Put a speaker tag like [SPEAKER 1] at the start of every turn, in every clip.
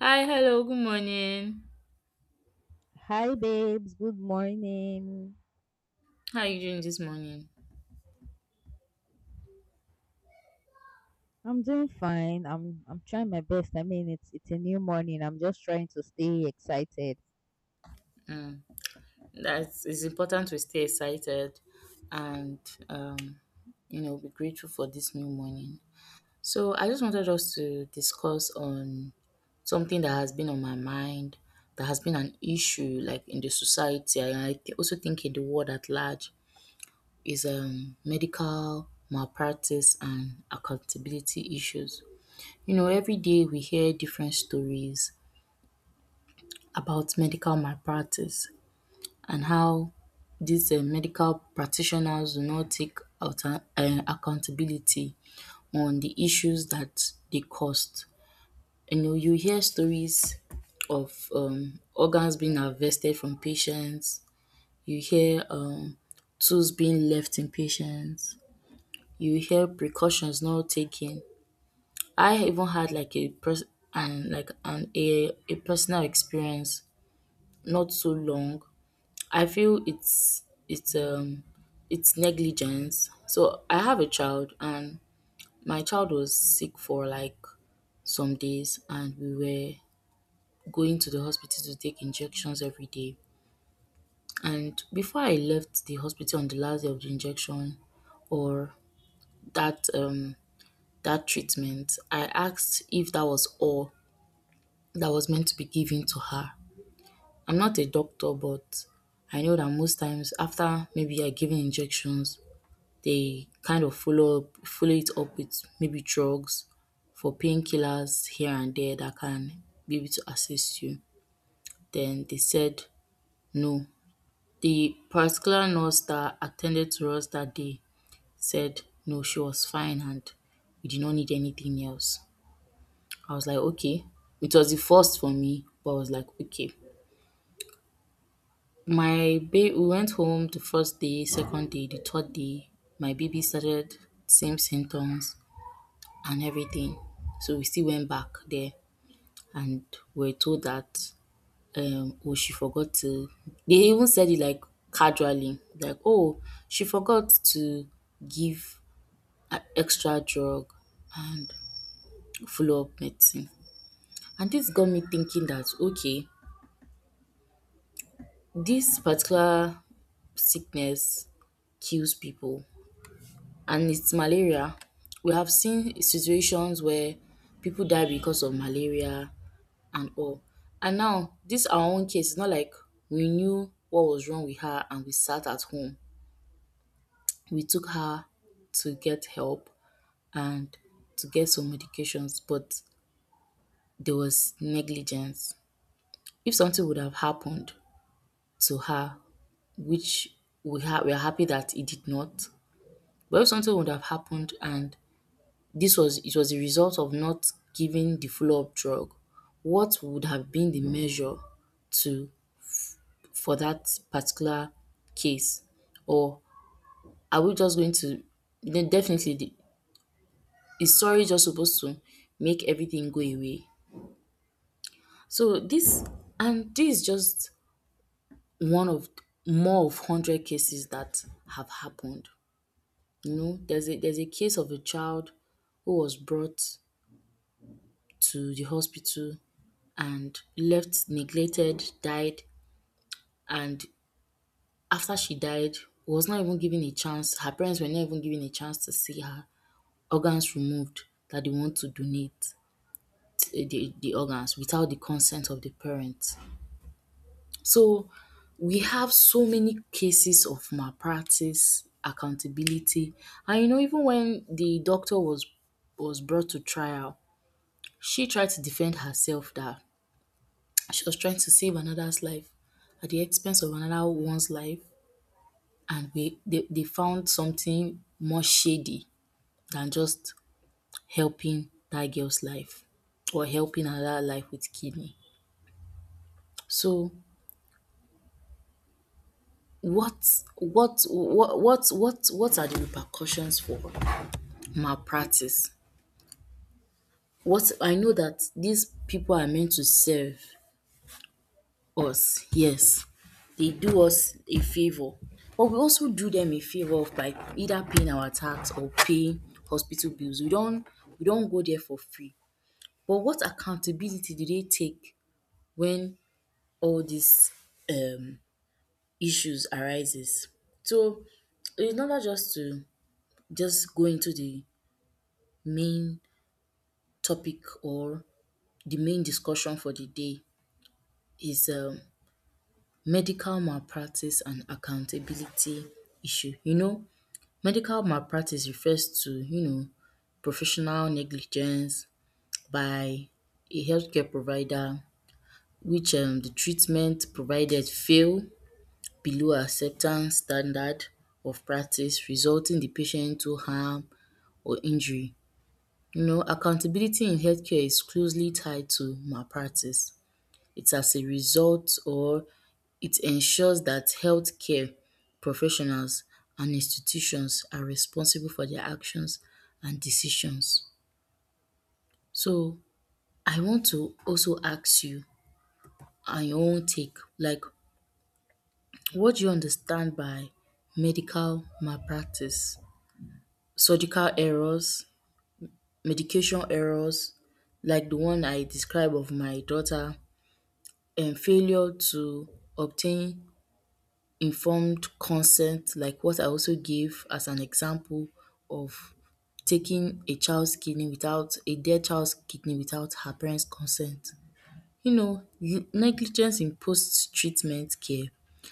[SPEAKER 1] Hi, hello, good morning.
[SPEAKER 2] Hi babes, good morning.
[SPEAKER 1] How are you doing this morning?
[SPEAKER 2] I'm doing fine. I'm trying my best. I mean, it's a new morning. I'm just trying to stay excited.
[SPEAKER 1] Mm, that's it's important to stay excited and um, be grateful for this new morning. So I just wanted us to discuss on something that has been on my mind, that has been an issue like in the society, and also think in the world at large is medical malpractice and accountability issues. You know, every day we hear different stories about medical malpractice and how these medical practitioners do not take alter accountability on the issues that they caused. You know you hear stories of organs being harvested from patients, you hear tools being left in patients, you hear precautions not taken. I even had like a pers and like an a personal experience not so long. I feel it's it's negligence. So I have a child and my child was sick for like some days and we were going to the hospital to take injections every day. And before I left the hospital on the last day of the injection or that um that treatment, I asked if that was all that was meant to be given to her. I'm not a doctor but I know that most times after maybe I given injections they kind of follow it up with maybe drugs for painkillers here and there that can be able to assist you. Then they said no. The particular nurse that attended to us that day said no, she was fine and we did not need anything else. I was like, okay. It was the first for me, but I was like, okay. My baby, we went home the first day, second day, the third day. My baby started same symptoms and everything. So we still went back there and we're told that oh she forgot to, they even said it like casually like, oh she forgot to give an extra drug and follow up medicine. And this got me thinking that, okay, this particular sickness kills people and it's malaria. We have seen situations where people die because of malaria and all. And now, this our own case, it's not like we knew what was wrong with her and we sat at home. We took her to get help and to get some medications, but there was negligence. If something would have happened to her, which we are happy that it did not, but if something would have happened and this was, it was a result of not giving the follow-up drug. What would have been the measure to for that particular case? Or are we just going to, then definitely the is sorry just supposed to make everything go away? So this and this is just one of more of hundred cases that have happened. You know, there's a case of a child who was brought to the hospital and left neglected, died, and after she died, was not even given a chance, her parents were not even given a chance to see her organs removed, that they want to donate eh, the organs without the consent of the parents. So we have so many cases of malpractice, accountability, and you know, even when the doctor was brought to trial, she tried to defend herself that she was trying to save another's life at the expense of another one's life, and they found something more shady than just helping that girl's life or helping another life with kidney. So, what are the repercussions for malpractice? What I know that these people are meant to serve us, yes. They do us a favor, but we also do them a favor of by either paying our tax or paying hospital bills. We don't go there for free. But what accountability do they take when all these um issues arises? So in order just to just go into the main topic or the main discussion for the day is medical malpractice and accountability issue. You know, medical malpractice refers to, you know, professional negligence by a healthcare provider which the treatment provided fail below acceptance standard of practice resulting the patient to harm or injury. You know, accountability in healthcare is closely tied to malpractice. It's as a result, or it ensures that healthcare professionals and institutions are responsible for their actions and decisions. So I want to also ask you on your own take, like what do you understand by medical malpractice? Surgical errors, medication errors, like the one I described of my daughter, and failure to obtain informed consent, like what I also gave as an example of taking a child's kidney without a dead child's kidney without her parents' consent. You know, you negligence in post treatment care.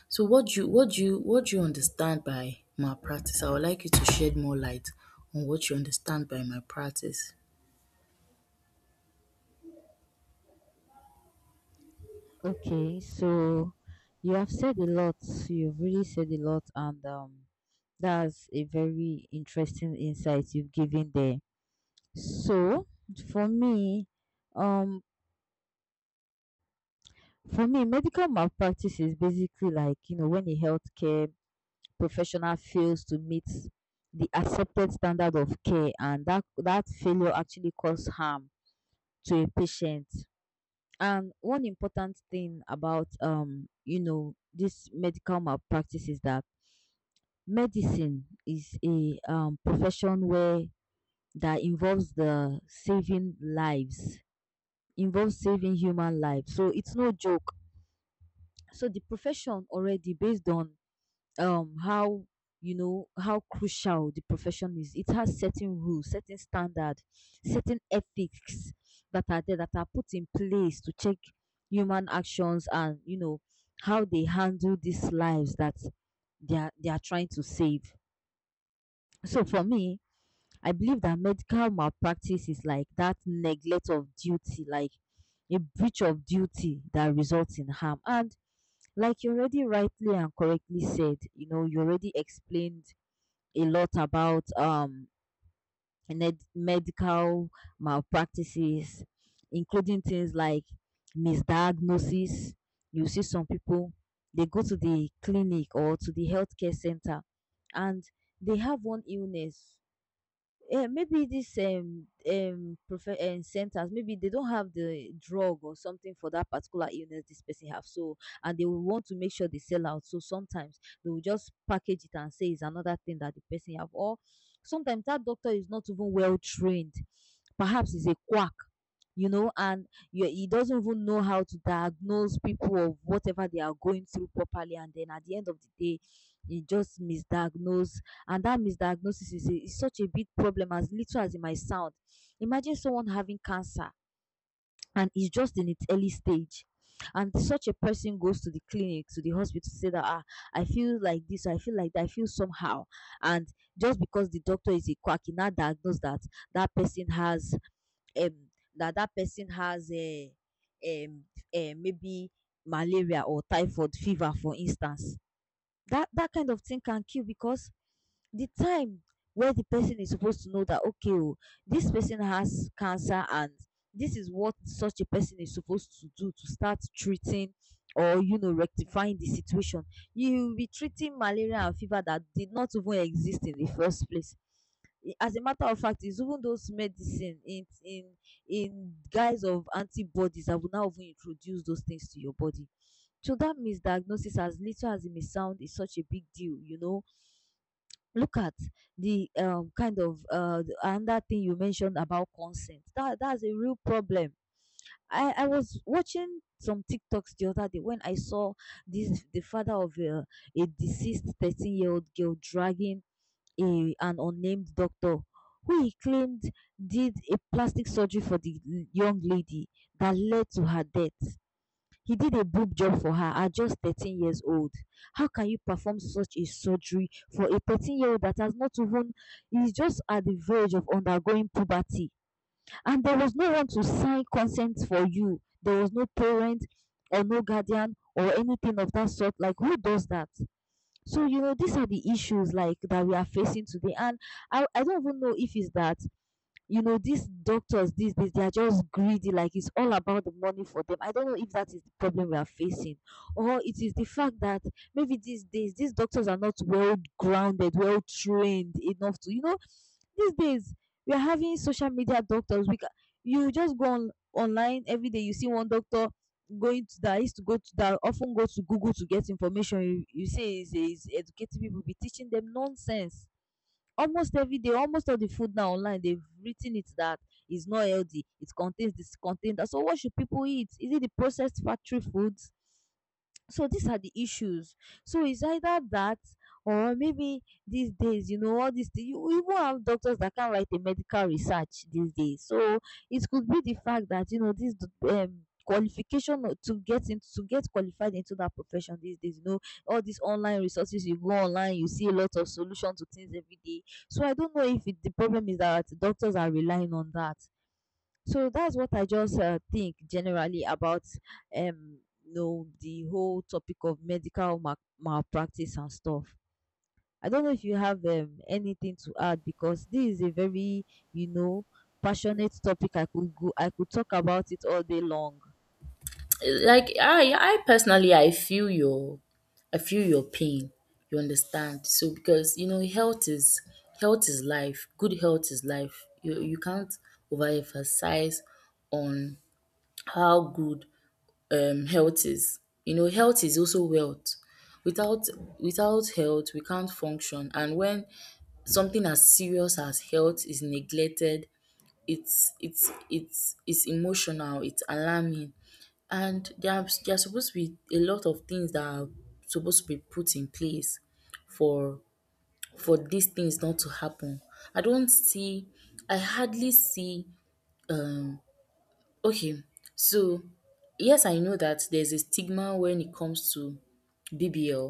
[SPEAKER 1] So what do you what do you what do you understand by malpractice? I would like you to shed more light on what you understand by malpractice.
[SPEAKER 2] Okay, so you have said a lot. You've really said a lot, and that's a very interesting insight you've given there. So for me, um, for me, medical malpractice is basically, like, you know, when a healthcare professional fails to meet the accepted standard of care, and that failure actually causes harm to a patient. And one important thing about you know this medical malpractice is that medicine is a profession where that involves the saving lives, involves saving human lives, so it's no joke. So the profession, already based on how, you know, how crucial the profession is, it has certain rules, certain standard, certain ethics that are there, that are put in place to check human actions and, you know, how they handle these lives that they are trying to save. So for me, I believe that medical malpractice is like that neglect of duty, like a breach of duty that results in harm. And like you already rightly and correctly said, you know, you already explained a lot about medical malpractices, including things like misdiagnosis. You see some people, they go to the clinic or to the healthcare center and they have one illness. Yeah, maybe this prefer centers, maybe they don't have the drug or something for that particular illness this person have. So, and they will want to make sure they sell out, so sometimes they will just package it and say it's another thing that the person have. Or sometimes that doctor is not even well trained, perhaps he's a quack, you know. And you, he doesn't even know how to diagnose people of whatever they are going through properly, and then at the end of the day he just misdiagnose. And that misdiagnosis is, a, is such a big problem, as little as it might sound. Imagine someone having cancer and it's just in its early stage, and such a person goes to the clinic, to the hospital to say that, ah, I feel like this, I feel like that, I feel somehow. And just because the doctor is a quack, he now diagnose that that person has um that that person has a um, maybe malaria or typhoid fever, for instance. That that kind of thing can kill, because the time where the person is supposed to know that, okay, oh, this person has cancer, and this is what such a person is supposed to do to start treating or, you know, rectifying the situation, you will be treating malaria and fever that did not even exist in the first place. As a matter of fact, it's even those medicine in in guise of antibodies that will now even introduce those things to your body. So that misdiagnosis, as little as it may sound, is such a big deal. You know, look at the kind of another thing you mentioned about consent. That's a real problem. I was watching some TikToks the other day when I saw this the father of a deceased 13 year old girl dragging a, an unnamed doctor who he claimed did a plastic surgery for the young lady that led to her death. He did a boob job for her at just 13 years old. How can you perform such a surgery for a 13-year-old that has not even, is just at the verge of undergoing puberty? And there was no one to sign consent for you. There was no parent or no guardian or anything of that sort. Like, who does that? So, you know, these are the issues like that we are facing today. And I don't even know if it's that, you know, these doctors these days, they are just greedy, like it's all about the money for them. I don't know if that is the problem we are facing, or it is the fact that maybe these days these doctors are not well grounded, well trained enough to, you know, these days we are having social media doctors. We can, you just go on online every day, you see one doctor going to that used to go to that, often go to Google to get information. You say is educating people, be teaching them nonsense almost every day. Almost all the food now online they've written it that it's not healthy, it contains this, contains that. So what should people eat, is it the processed factory foods? So these are the issues. So it's either that, or maybe these days, you know, all these things. You even have doctors that can write a medical research these days. So it could be the fact that, you know, this qualification or to get in, to get qualified into that profession these days. You know, all these online resources. You go online, you see a lot of solutions to things every day. So I don't know if it, the problem is that doctors are relying on that. So that's what I just think generally about you know the whole topic of medical malpractice and stuff. I don't know if you have anything to add, because this is a very, you know, passionate topic. I could talk about it all day long.
[SPEAKER 1] Like I personally I feel your pain. You understand? So because you know health is life. Good health is life. You can't overemphasize on how good health is. You know, health is also wealth. Without without health, we can't function. And when something as serious as health is neglected, it's emotional, it's alarming, and there are supposed to be a lot of things that are supposed to be put in place for for these things not to happen. I don't see I hardly see um okay so yes I know that there's a stigma when it comes to BBL,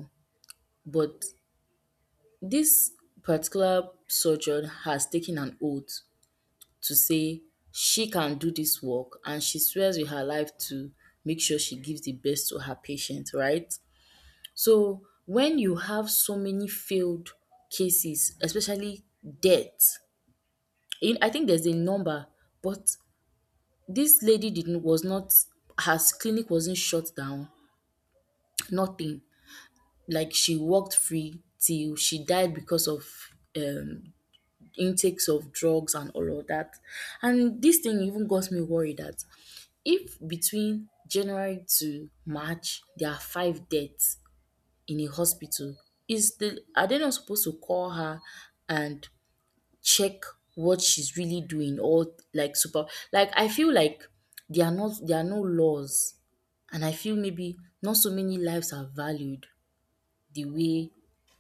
[SPEAKER 1] but this particular surgeon has taken an oath to say she can do this work and she swears with her life to make sure she gives the best to her patient, right? So when you have so many failed cases, especially death, in- I think there's a number, but this lady didn't, was not, her clinic wasn't shut down, nothing. Like she walked free till she died because of um intakes of drugs and all of that. And this thing even got me worried that if between January to March there are five deaths in a hospital is the are they not supposed to call her and check what she's really doing or like super like I feel like there are no laws and I feel maybe not so many lives are valued the way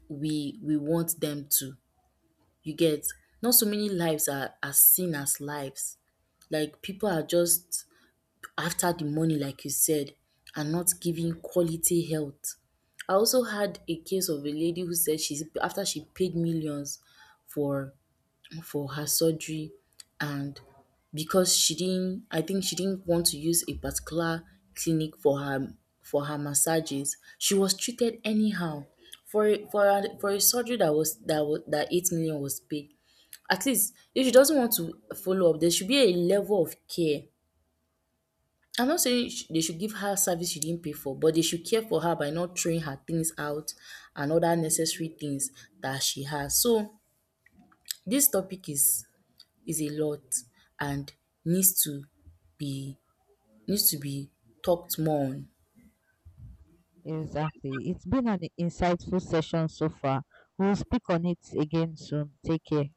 [SPEAKER 1] we want them to. You get not so many lives are seen as lives. Like people are just after the money like you said and not giving quality health. I also had a case of a lady who said she's after she paid millions for for her surgery and because she didn't, I think she didn't want to use a particular clinic for her massages, she was treated anyhow. For a surgery that was that 8 million was paid. At least if she doesn't want to follow up there should be a level of care. I know sey they should give her service she didn't pay for but they should care for her by not throwing her things out and other necessary things that she has. So this topic is a lot and needs to be needs to be talked more on.
[SPEAKER 2] Exactly. It's been an insightful session so far. We'll speak on it again soon. Take care.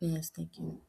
[SPEAKER 1] Yes, thank you.